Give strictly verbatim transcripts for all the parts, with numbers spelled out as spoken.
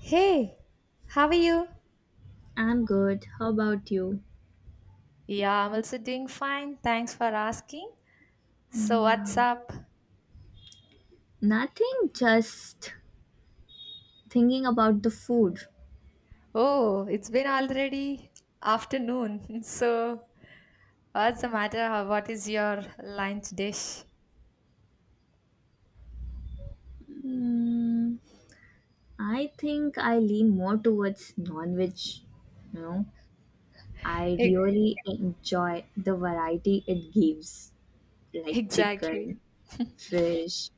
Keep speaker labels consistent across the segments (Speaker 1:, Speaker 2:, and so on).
Speaker 1: Hey, how are you?
Speaker 2: I'm good. How about you?
Speaker 1: Yeah, I'm also doing fine. Thanks for asking. So, what's
Speaker 2: Yeah.
Speaker 1: up?
Speaker 2: Nothing, just thinking about the food.
Speaker 1: Oh, it's been already afternoon. So, what's the matter? How- What is your lunch dish?
Speaker 2: Mm, I think I lean more towards non-veg, you know. I
Speaker 1: E-
Speaker 2: really enjoy the variety it gives, like
Speaker 1: Exactly.
Speaker 2: chicken, fish,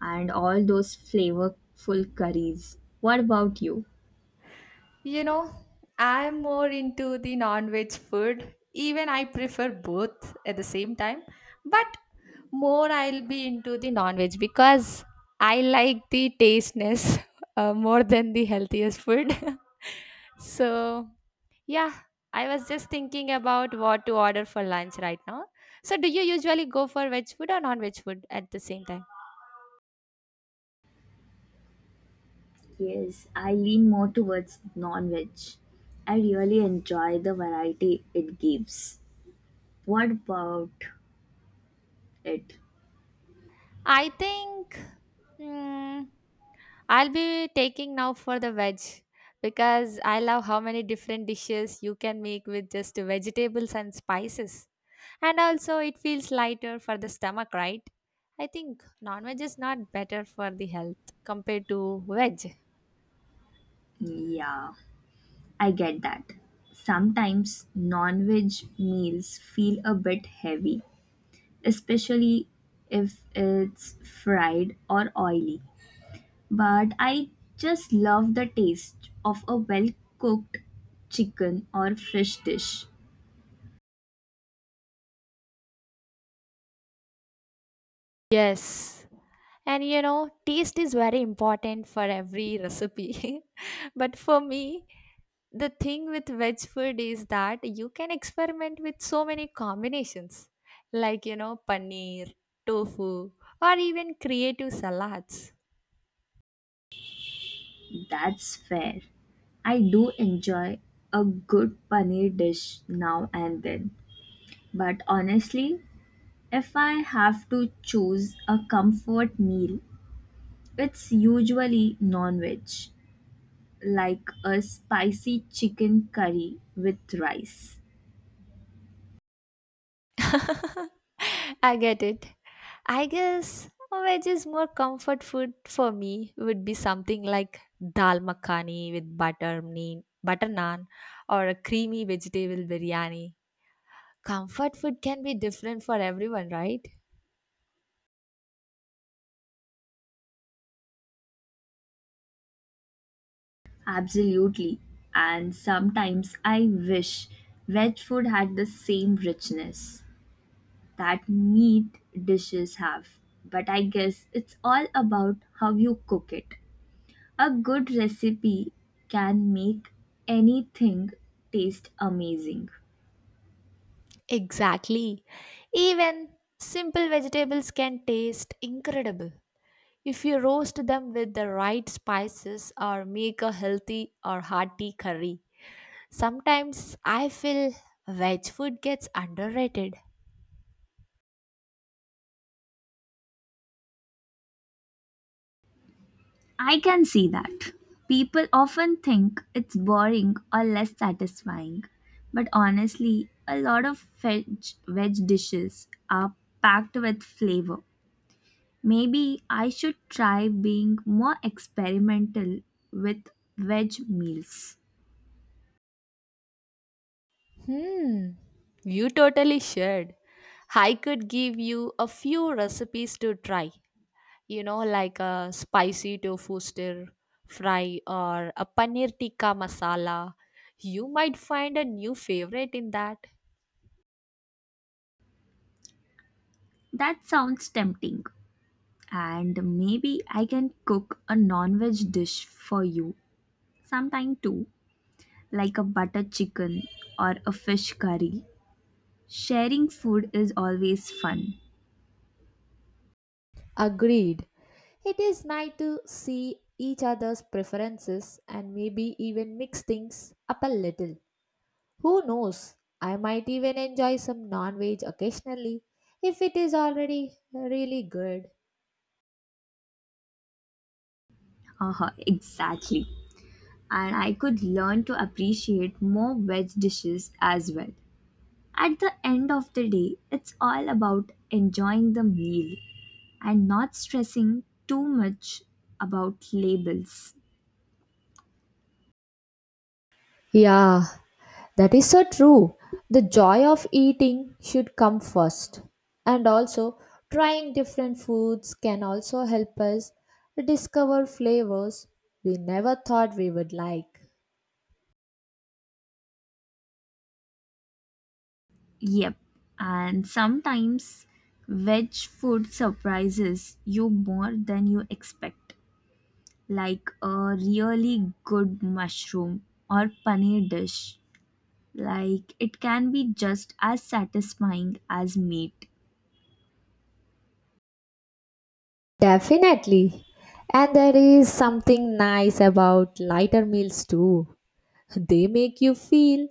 Speaker 2: and all those flavorful curries. What about you?
Speaker 1: You know, I'm more into the non-veg food. Even I prefer both at the same time, but more I'll be into the non-veg because I like the tastiness uh, more than the healthiest food. So, yeah, I was just thinking about what to order for lunch right now. So, do you usually go for veg food or non-veg food at the same time?
Speaker 2: Yes, I lean more towards non-veg. I really enjoy the variety it gives. What about it?
Speaker 1: I think mm, I'll be taking now for the veg because I love how many different dishes you can make with just vegetables and spices. And also, it feels lighter for the stomach, right? I think non veg is not better for the health compared to veg.
Speaker 2: Yeah, I get that. Sometimes non veg meals feel a bit heavy, especially if it's fried or oily. But I just love the taste of a well cooked chicken or fish dish.
Speaker 1: Yes. And you know, taste is very important for every recipe. but for me, the thing with veg food is that you can experiment with so many combinations, like, you know, paneer, tofu, or even creative salads.
Speaker 2: That's fair. I do enjoy a good paneer dish now and then. But honestly, if I have to choose a comfort meal, it's usually non veg, like a spicy chicken curry with rice.
Speaker 1: I get it. I guess veg is more comfort food. For me would be something like dal makhani with butter naan, butter naan or a creamy vegetable biryani. Comfort food can be different for everyone, right?
Speaker 2: Absolutely. And sometimes I wish veg food had the same richness that meat dishes have. But I guess it's all about how you cook it. A good recipe can make anything taste amazing.
Speaker 1: Exactly. Even simple vegetables can taste incredible if you roast them with the right spices or make a healthy or hearty curry. Sometimes I feel veg food gets underrated.
Speaker 2: I can see that. People often think it's boring or less satisfying, but honestly, a lot of veg, veg dishes are packed with flavor. Maybe I should try being more experimental with veg meals.
Speaker 1: Hmm, you totally should. I could give you a few recipes to try, you know, like a spicy tofu stir fry or a paneer tikka masala. You might find a new favorite in that.
Speaker 2: That sounds tempting, and maybe I can cook a non veg dish for you sometime too, like a butter chicken or a fish curry. Sharing food is always fun.
Speaker 1: Agreed. It is nice to see each other's preferences and maybe even mix things up a little. Who knows? I might even enjoy some non veg occasionally if it is already really good.
Speaker 2: Haha, exactly. And I could learn to appreciate more veg dishes as well. At the end of the day, it's all about enjoying the meal and not stressing too much about labels.
Speaker 1: Yeah, that is so true. The joy of eating should come first. And also, trying different foods can also help us discover flavors we never thought we would like.
Speaker 2: Yep, and sometimes veg food surprises you more than you expect, like a really good mushroom or paneer dish. Like, it can be just as satisfying as meat.
Speaker 1: Definitely. And there is something nice about lighter meals too. They make you feel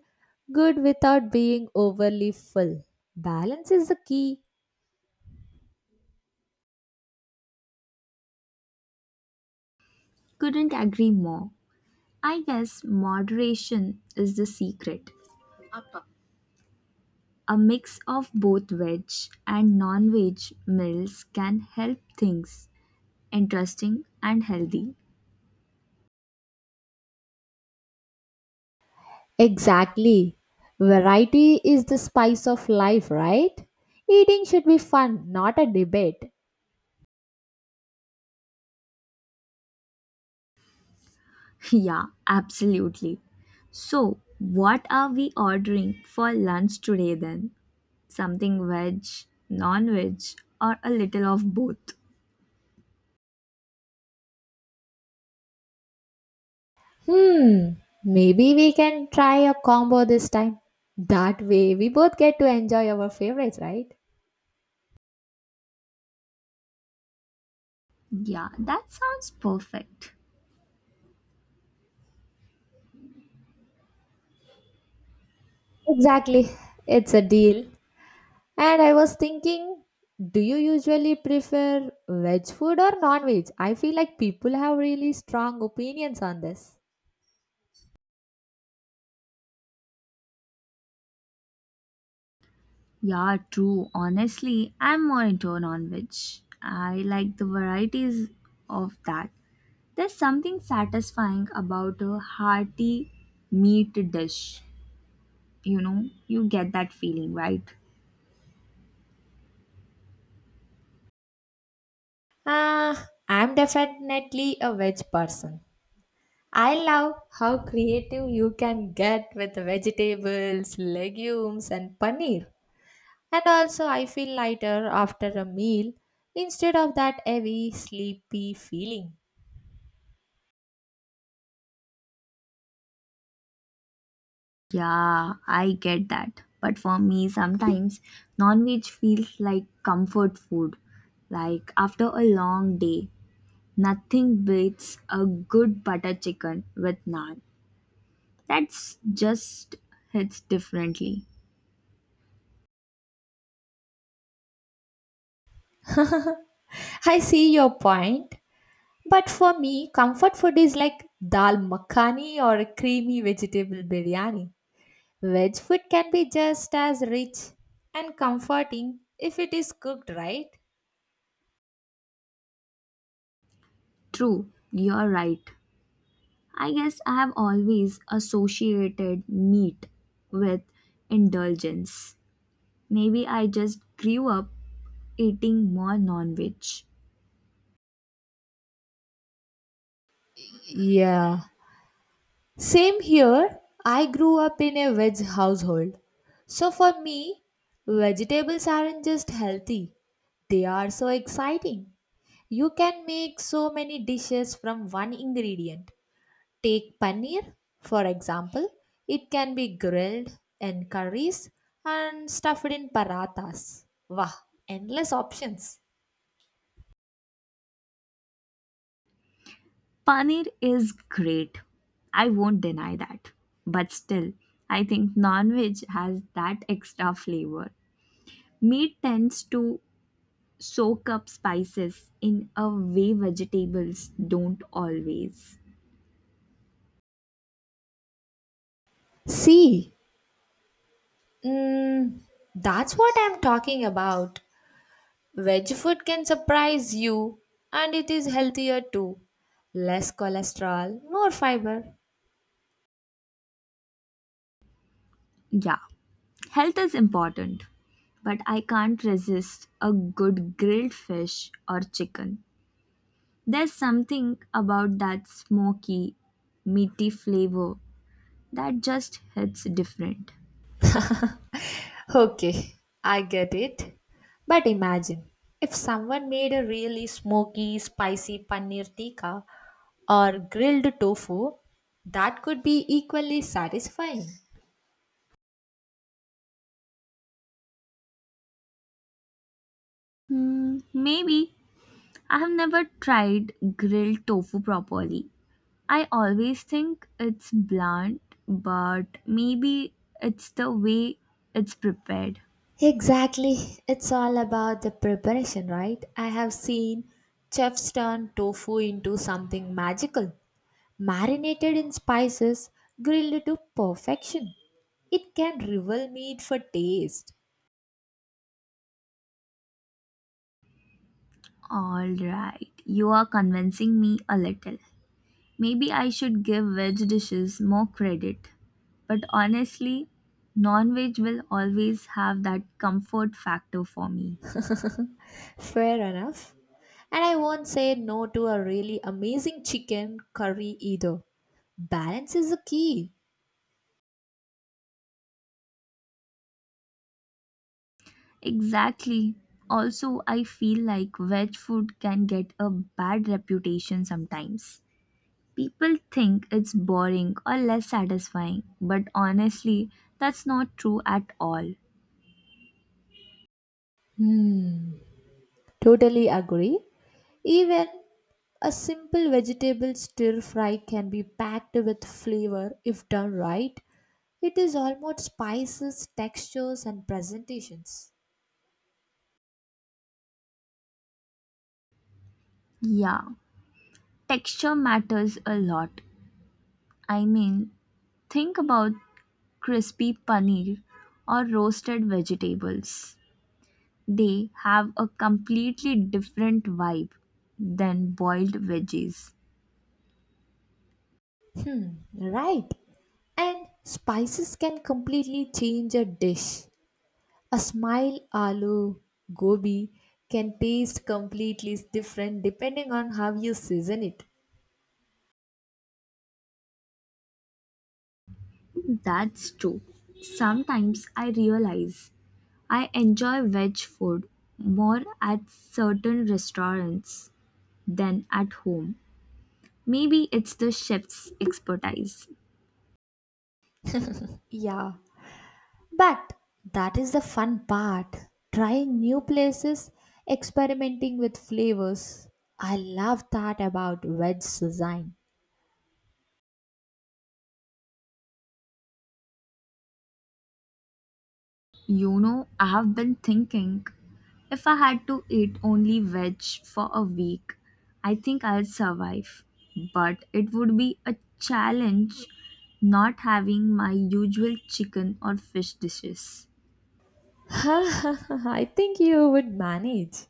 Speaker 1: good without being overly full. Balance is the key.
Speaker 2: Couldn't agree more. I guess moderation is the secret. A mix of both veg and non veg meals can help things interesting and healthy.
Speaker 1: Exactly. Variety is the spice of life, right? Eating should be fun, not a debate.
Speaker 2: Yeah, absolutely. So, what are we ordering for lunch today then? Something veg, non veg, or a little of both?
Speaker 1: Hmm, maybe we can try a combo this time. That way, we both get to enjoy our favorites, right?
Speaker 2: Yeah, that sounds perfect.
Speaker 1: Exactly. It's a deal. And I was thinking, do you usually prefer veg food or non veg? I feel like people have really strong opinions on this.
Speaker 2: Yeah, true. Honestly, I'm more into non-veg. I like the varieties of that. There's something satisfying about a hearty meat dish. You know, you get that feeling, right?
Speaker 1: Ah, I'm definitely a veg person. I love how creative you can get with vegetables, legumes, and paneer. And also, I feel lighter after a meal instead of that heavy, sleepy feeling.
Speaker 2: Yeah, I get that. But for me, sometimes non-veg feels like comfort food. Like after a long day, nothing beats a good butter chicken with naan. That's just hits differently.
Speaker 1: I see your point, but for me, comfort food is like dal makhani or a creamy vegetable biryani. Veg food can be just as rich and comforting if it is cooked right.
Speaker 2: True, you're right. I guess I have always associated meat with indulgence. Maybe I just grew up eating more non veg.
Speaker 1: Yeah. Same here. I grew up in a veg household. So for me, vegetables aren't just healthy, they are so exciting. You can make so many dishes from one ingredient. Take paneer, for example, it can be grilled in curries and stuffed in parathas. Wow, endless options.
Speaker 2: Paneer is great. I won't deny that. But still, I think non veg has that extra flavor. Meat tends to soak up spices in a way vegetables don't always.
Speaker 1: See, mm, that's what I'm talking about. Veg food can surprise you, and it is healthier too. Less cholesterol, more fiber.
Speaker 2: Yeah, health is important, but I can't resist a good grilled fish or chicken. There's something about that smoky, meaty flavor that just hits different.
Speaker 1: Okay, I get it. But imagine if someone made a really smoky, spicy paneer tikka or grilled tofu, that could be equally satisfying.
Speaker 2: Hmm, maybe I have never tried grilled tofu properly. I always think it's bland, but maybe it's the way it's prepared.
Speaker 1: Exactly. It's all about the preparation, right? I have seen chefs turn tofu into something magical. Marinated in spices, grilled to perfection, it can rival meat for taste.
Speaker 2: Alright, you are convincing me a little. Maybe I should give veg dishes more credit, but honestly, non veg will always have that comfort factor for me.
Speaker 1: Fair enough. And I won't say no to a really amazing chicken curry either. Balance is the key.
Speaker 2: Exactly. Also, I feel like veg food can get a bad reputation sometimes. People think it's boring or less satisfying, but honestly, that's not true at all.
Speaker 1: Hmm, totally agree. Even a simple vegetable stir fry can be packed with flavor if done right. It is almost spices, textures, and presentations.
Speaker 2: Yeah, texture matters a lot. I mean, think about crispy paneer, or roasted vegetables. They have a completely different vibe than boiled veggies.
Speaker 1: Hmm, right. And spices can completely change a dish. A smile aloo gobi can taste completely different depending on how you season it.
Speaker 2: That's true. Sometimes I realize I enjoy veg food more at certain restaurants than at home. Maybe it's the chef's expertise.
Speaker 1: Yeah, but that is the fun part. Trying new places, experimenting with flavors. I love that about veg design.
Speaker 2: You know, I have been thinking if I had to eat only veg for a week, I think I'll survive. But it would be a challenge not having my usual chicken or fish dishes.
Speaker 1: I think you would manage.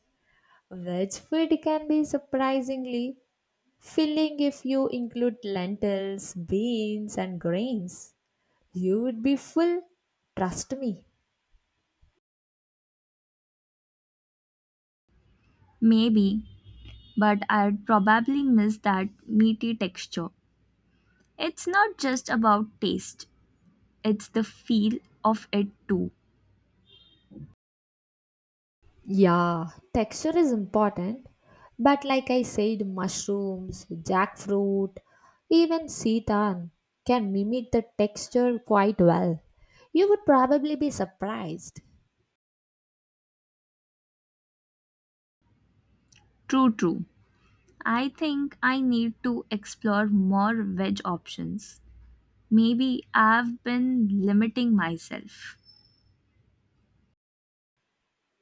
Speaker 1: Veg food can be surprisingly filling. If you include lentils, beans, and grains, you would be full. Trust me.
Speaker 2: Maybe, but I'd probably miss that meaty texture. It's not just about taste, it's the feel of it too.
Speaker 1: Yeah, texture is important, but like I said, mushrooms, jackfruit, even seitan can mimic the texture quite well. You would probably be surprised.
Speaker 2: True, true. I think I need to explore more veg options. Maybe I've been limiting myself.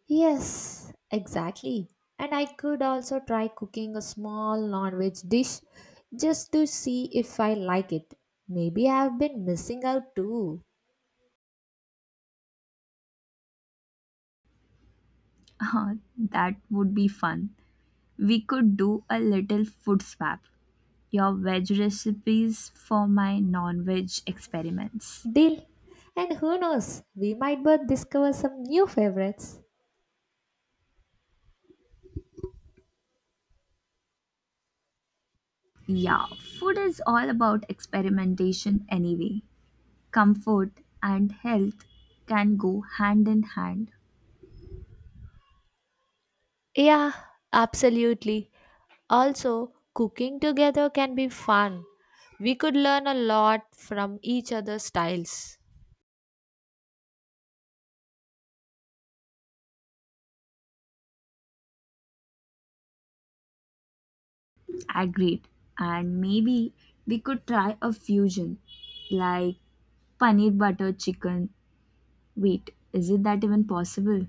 Speaker 1: Yes, exactly. And I could also try cooking a small non-veg dish just to see if I like it. Maybe I've been missing out too.
Speaker 2: That would be fun. We could do a little food swap. Your veg recipes for my non veg experiments.
Speaker 1: Deal. And who knows, we might both discover some new favorites.
Speaker 2: Yeah, food is all about experimentation anyway. Comfort and health can go hand in hand.
Speaker 1: Yeah, absolutely. Also, cooking together can be fun. We could learn a lot from each other's styles.
Speaker 2: Agreed. And maybe we could try a fusion like paneer butter chicken. Wait, is it that even possible?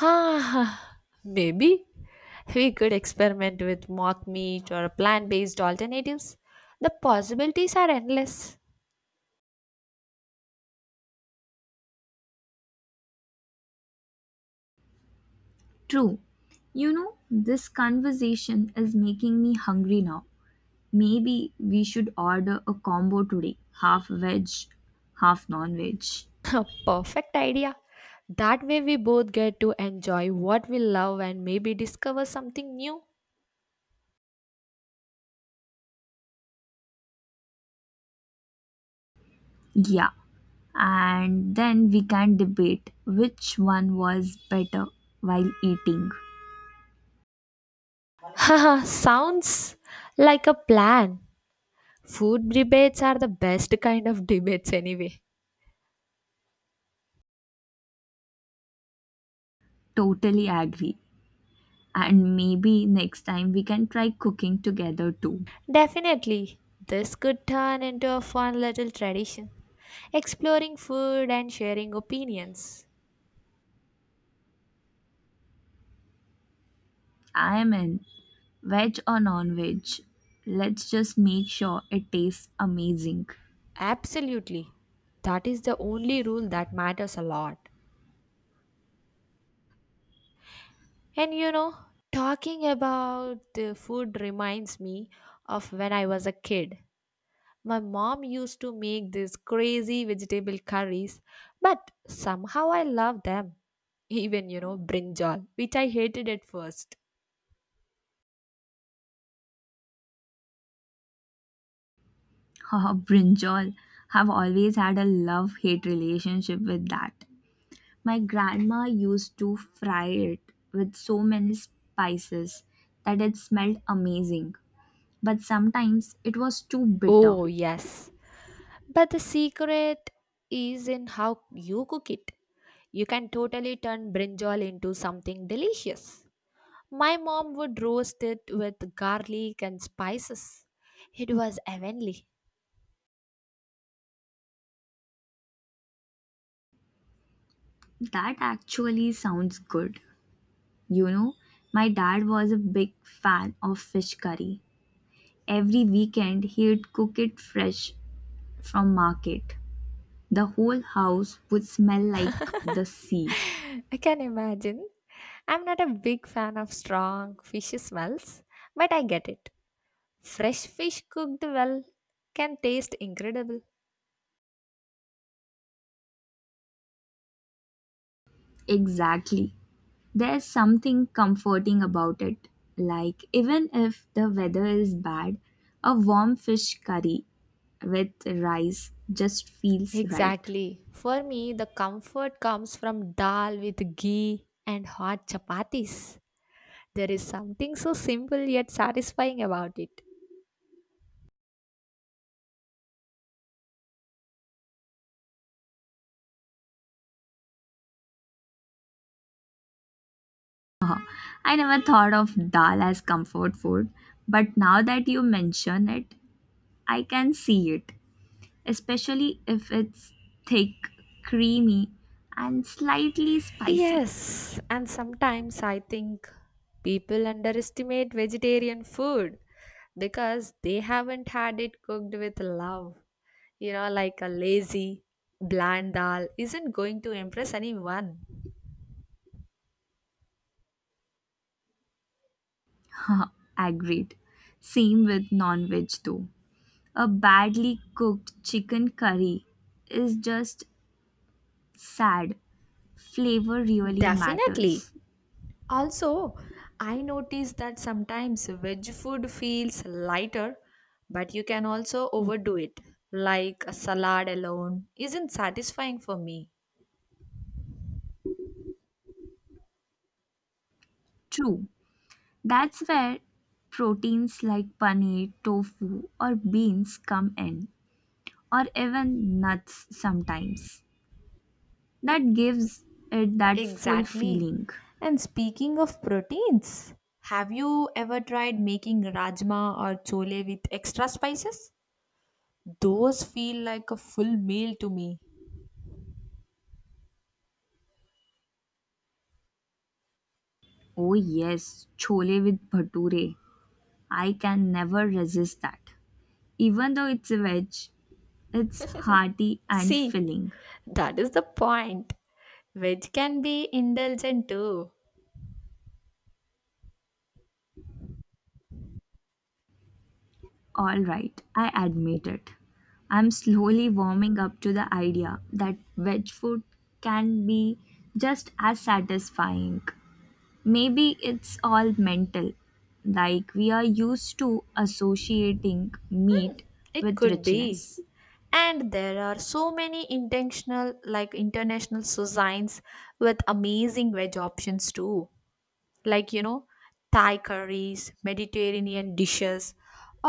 Speaker 1: Ah, maybe we could experiment with mock meat or plant based alternatives. The possibilities are endless.
Speaker 2: True. You know, this conversation is making me hungry now. Maybe we should order a combo today, half veg, half non veg.
Speaker 1: Perfect idea. That way, we both get to enjoy what we love and maybe discover something new.
Speaker 2: Yeah. And then we can debate which one was better while eating.
Speaker 1: Haha, sounds like a plan. Food debates are the best kind of debates, anyway.
Speaker 2: Totally agree. And maybe next time we can try cooking together too.
Speaker 1: Definitely, this could turn into a fun little tradition exploring food and sharing opinions.
Speaker 2: I am in. Veg or non veg? Let's just make sure it tastes amazing.
Speaker 1: Absolutely. That is the only rule that matters a lot. And you know, talking about the food reminds me of when I was a kid. My mom used to make these crazy vegetable curries, but somehow I loved them. Even, you know, brinjal, which I hated at first.
Speaker 2: Oh brinjal. I've always had a love hate relationship with that. My grandma used to fry it with so many spices that it smelled amazing, but sometimes it was too bitter.
Speaker 1: Oh, yes. But the secret is in how you cook it. You can totally turn brinjal into something delicious. My mom would roast it with garlic and spices. It was heavenly.
Speaker 2: That actually sounds good. You know, my dad was a big fan of fish curry. Every weekend, he'd cook it fresh from market. The whole house would smell like the sea.
Speaker 1: I can imagine. I'm not a big fan of strong fishy smells, but I get it. Fresh fish cooked well can taste incredible.
Speaker 2: Exactly. There's something comforting about it. Like, even if the weather is bad, a warm fish curry with rice just feels right.
Speaker 1: Exactly. For me, the comfort comes from dal with ghee and hot chapatis. There is something so simple yet satisfying about it.
Speaker 2: Uh, I never thought of dal as comfort food, but now that you mention it, I can see it, especially if it's thick, creamy, and slightly spicy.
Speaker 1: Yes, and sometimes I think people underestimate vegetarian food because they haven't had it cooked with love. You know, like a lazy, bland dal isn't going to impress anyone.
Speaker 2: Agreed. Same with non veg too. A badly cooked chicken curry is just sad. Flavor really
Speaker 1: Definitely.
Speaker 2: matters.
Speaker 1: Also, I notice that sometimes veg food feels lighter, but you can also overdo it. Like a salad alone isn't satisfying for me.
Speaker 2: True. That's where proteins like paneer, tofu, or beans come in, or even nuts sometimes. That gives it that full
Speaker 1: Exactly.
Speaker 2: feeling.
Speaker 1: And speaking of proteins, have you ever tried making rajma or chole with extra spices? Those feel like a full meal to me.
Speaker 2: Oh, yes, chole with bhature. I can never resist that. Even though it's a veg, it's hearty and
Speaker 1: See,
Speaker 2: filling.
Speaker 1: that is the point. Veg can be indulgent too.
Speaker 2: All right, I admit it. I'm slowly warming up to the idea that veg food can be just as satisfying. Maybe it's all mental, like we are used to associating meat
Speaker 1: It
Speaker 2: with
Speaker 1: could be.
Speaker 2: richness.
Speaker 1: And there are so many intentional, like, international cuisines with amazing veg options too, like, you know, Thai curries, Mediterranean dishes,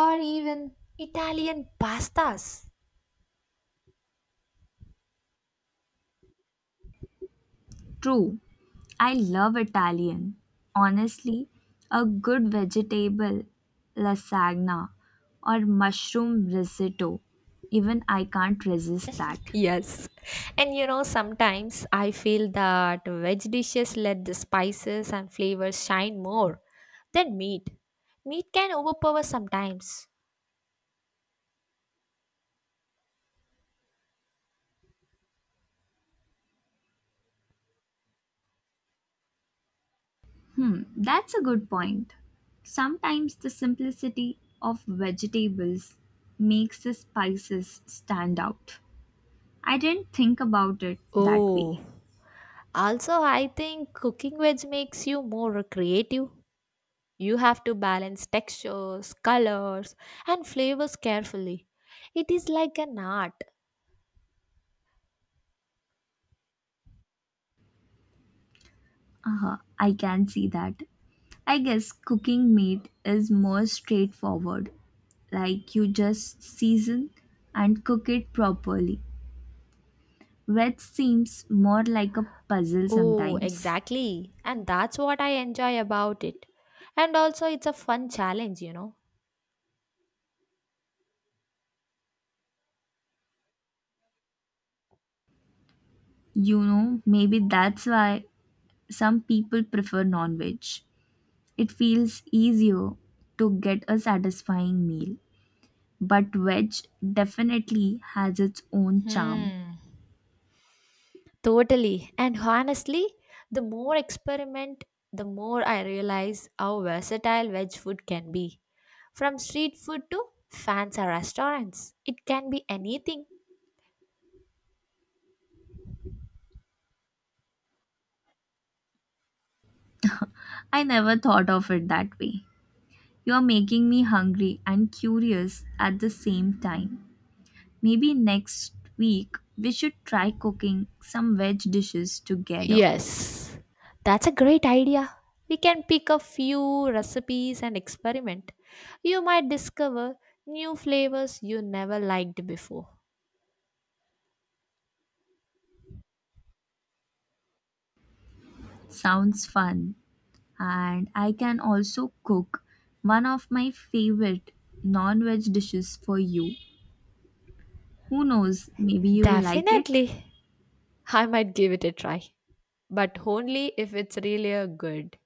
Speaker 1: or even Italian pastas.
Speaker 2: True, I love Italian. Honestly, a good vegetable lasagna or mushroom risotto, even I can't resist that.
Speaker 1: Yes, and you know sometimes I feel that veg dishes let the spices and flavors shine more than meat. Meat can overpower sometimes.
Speaker 2: Hmm, that's a good point. Sometimes the simplicity of vegetables makes the spices stand out. I didn't think about it that
Speaker 1: Oh,
Speaker 2: way.
Speaker 1: also I think cooking veg makes you more creative. You have to balance textures, colors, and flavors carefully. It is like an art.
Speaker 2: Uh-huh, I can see that. I guess cooking meat is more straightforward. Like you just season and cook it properly. Veg seems more like a puzzle
Speaker 1: Oh,
Speaker 2: sometimes.
Speaker 1: exactly. And that's what I enjoy about it. And also, it's a fun challenge, you know.
Speaker 2: You know, maybe that's why some people prefer non veg. It feels easier to get a satisfying meal, but veg definitely has its own charm.
Speaker 1: Totally. And honestly, the more experiment, the more I realize how versatile veg food can be. From street food to fancy restaurants, it can be anything.
Speaker 2: I never thought of it that way. You're making me hungry and curious at the same time. Maybe next week we should try cooking some veg dishes together.
Speaker 1: Yes, that's a great idea. We can pick a few recipes and experiment. You might discover new flavors you never liked before.
Speaker 2: Sounds fun. And I can also cook one of my favorite non veg dishes for you. Who knows, maybe you'll like it.
Speaker 1: Definitely. I might give it a try, but only if it's really a good.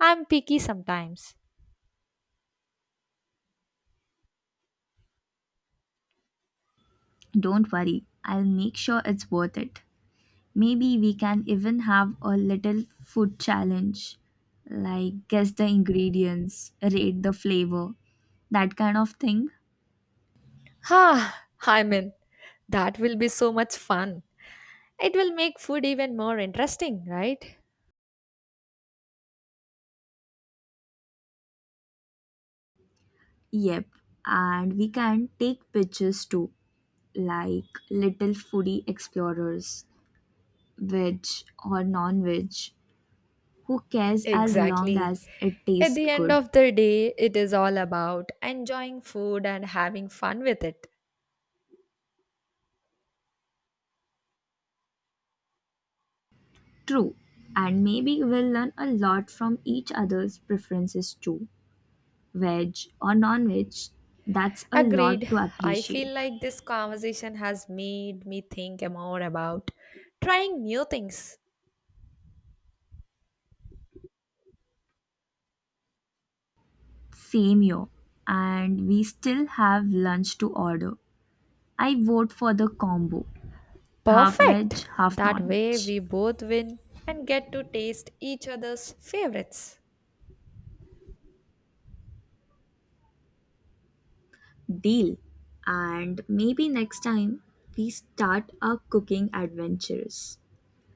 Speaker 1: I'm picky sometimes.
Speaker 2: Don't worry, I'll make sure it's worth it. Maybe we can even have a little food challenge, like guess the ingredients, rate the flavor, that kind of thing.
Speaker 1: Ah, I'm in. That will be so much fun. It will make food even more interesting, right?
Speaker 2: Yep, and we can take pictures too, like little foodie explorers, veg or non veg. Who cares as long
Speaker 1: Exactly.
Speaker 2: as it
Speaker 1: At
Speaker 2: tastes
Speaker 1: the end
Speaker 2: good?
Speaker 1: of the day, it is all about enjoying food and having fun with it.
Speaker 2: True, and maybe we'll learn a lot from each other's preferences too. Veg or non veg, that's a lot
Speaker 1: Agreed.
Speaker 2: to
Speaker 1: I feel
Speaker 2: appreciate.
Speaker 1: like this conversation has made me think more about trying new things.
Speaker 2: Same here. And we still have lunch to order. I vote for the combo, half veg,
Speaker 1: Perfect!
Speaker 2: half
Speaker 1: That
Speaker 2: non veg.
Speaker 1: way we both win and get to taste each other's favorites.
Speaker 2: Deal. And maybe next time we start our cooking adventures.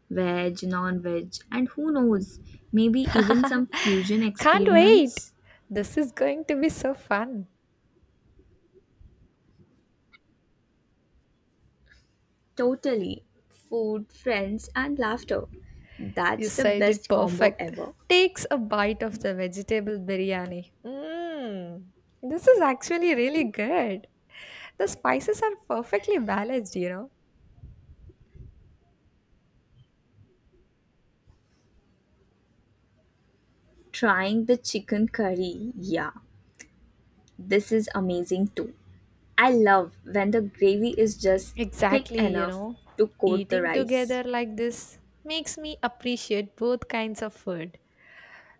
Speaker 2: Veg, non veg, and who knows, maybe even some fusion
Speaker 1: Can't wait!
Speaker 2: experiments.
Speaker 1: This is going to be so fun.
Speaker 2: Totally. Food, friends, and laughter.
Speaker 1: You
Speaker 2: That's the
Speaker 1: said it
Speaker 2: best combo
Speaker 1: perfect.
Speaker 2: ever.
Speaker 1: Takes a bite of the vegetable biryani. Mmm. This is actually really good. The spices are perfectly balanced, you know.
Speaker 2: Trying the chicken curry, yeah, this is amazing too. I love when the gravy is just thick
Speaker 1: Exactly, you
Speaker 2: enough
Speaker 1: know.
Speaker 2: to coat the
Speaker 1: Eating together
Speaker 2: rice.
Speaker 1: like this makes me appreciate both kinds of food.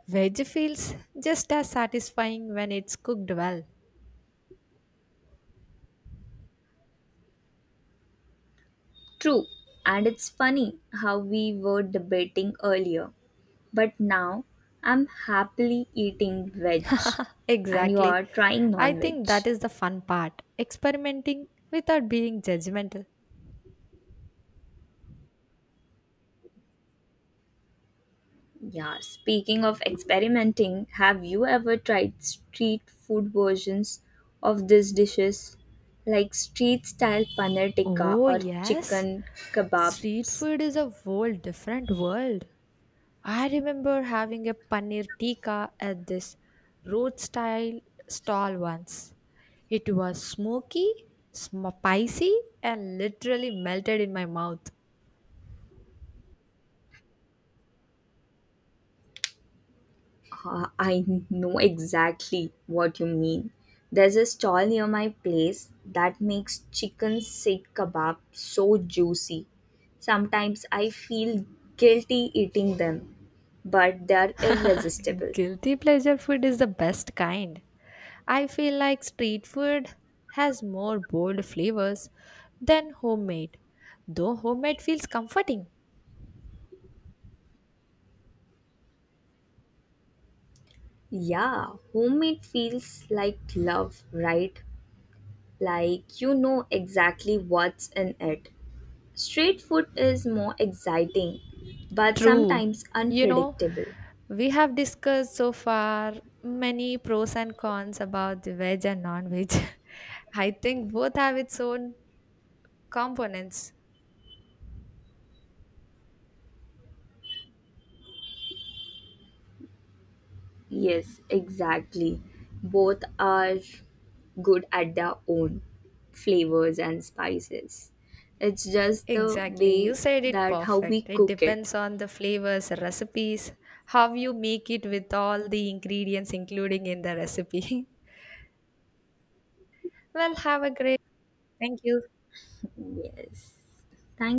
Speaker 1: Veg feels just as satisfying when it's cooked well.
Speaker 2: True, and it's funny how we were debating earlier, but now I'm happily eating veg and you
Speaker 1: Exactly.
Speaker 2: are trying
Speaker 1: I
Speaker 2: non veg.
Speaker 1: think that is the fun part experimenting without being judgmental.
Speaker 2: Yeah, speaking of experimenting, have you ever tried street food versions of these dishes, like street style paneer tikka
Speaker 1: Oh,
Speaker 2: or
Speaker 1: yes.
Speaker 2: chicken
Speaker 1: Street
Speaker 2: kebabs?
Speaker 1: food is a whole different world. I remember having a paneer tikka at this road style stall once. It was smoky, sm- spicy, and literally melted in my mouth.
Speaker 2: Uh, I know exactly what you mean. There's a stall near my place that makes chicken sikh kebab so juicy. Sometimes I feel guilty eating them, but they're irresistible.
Speaker 1: Guilty pleasure food is the best kind. I feel like street food has more bold flavors than homemade, though homemade feels comforting.
Speaker 2: Yeah, homemade feels like love, right? Like you know exactly what's in it. Street food is more exciting, but
Speaker 1: True.
Speaker 2: sometimes
Speaker 1: You know,
Speaker 2: unpredictable.
Speaker 1: we have discussed so far many pros and cons about the veg and non veg. I think both have its own components.
Speaker 2: Yes, exactly. Both are good at their own flavors and spices. It's just the
Speaker 1: Exactly. You
Speaker 2: way
Speaker 1: said it
Speaker 2: that how we
Speaker 1: perfect. It
Speaker 2: cook it.
Speaker 1: depends on the flavors, recipes, how you make it with all the ingredients including in the recipe. well, have a great. Thank you.
Speaker 2: Yes. Thank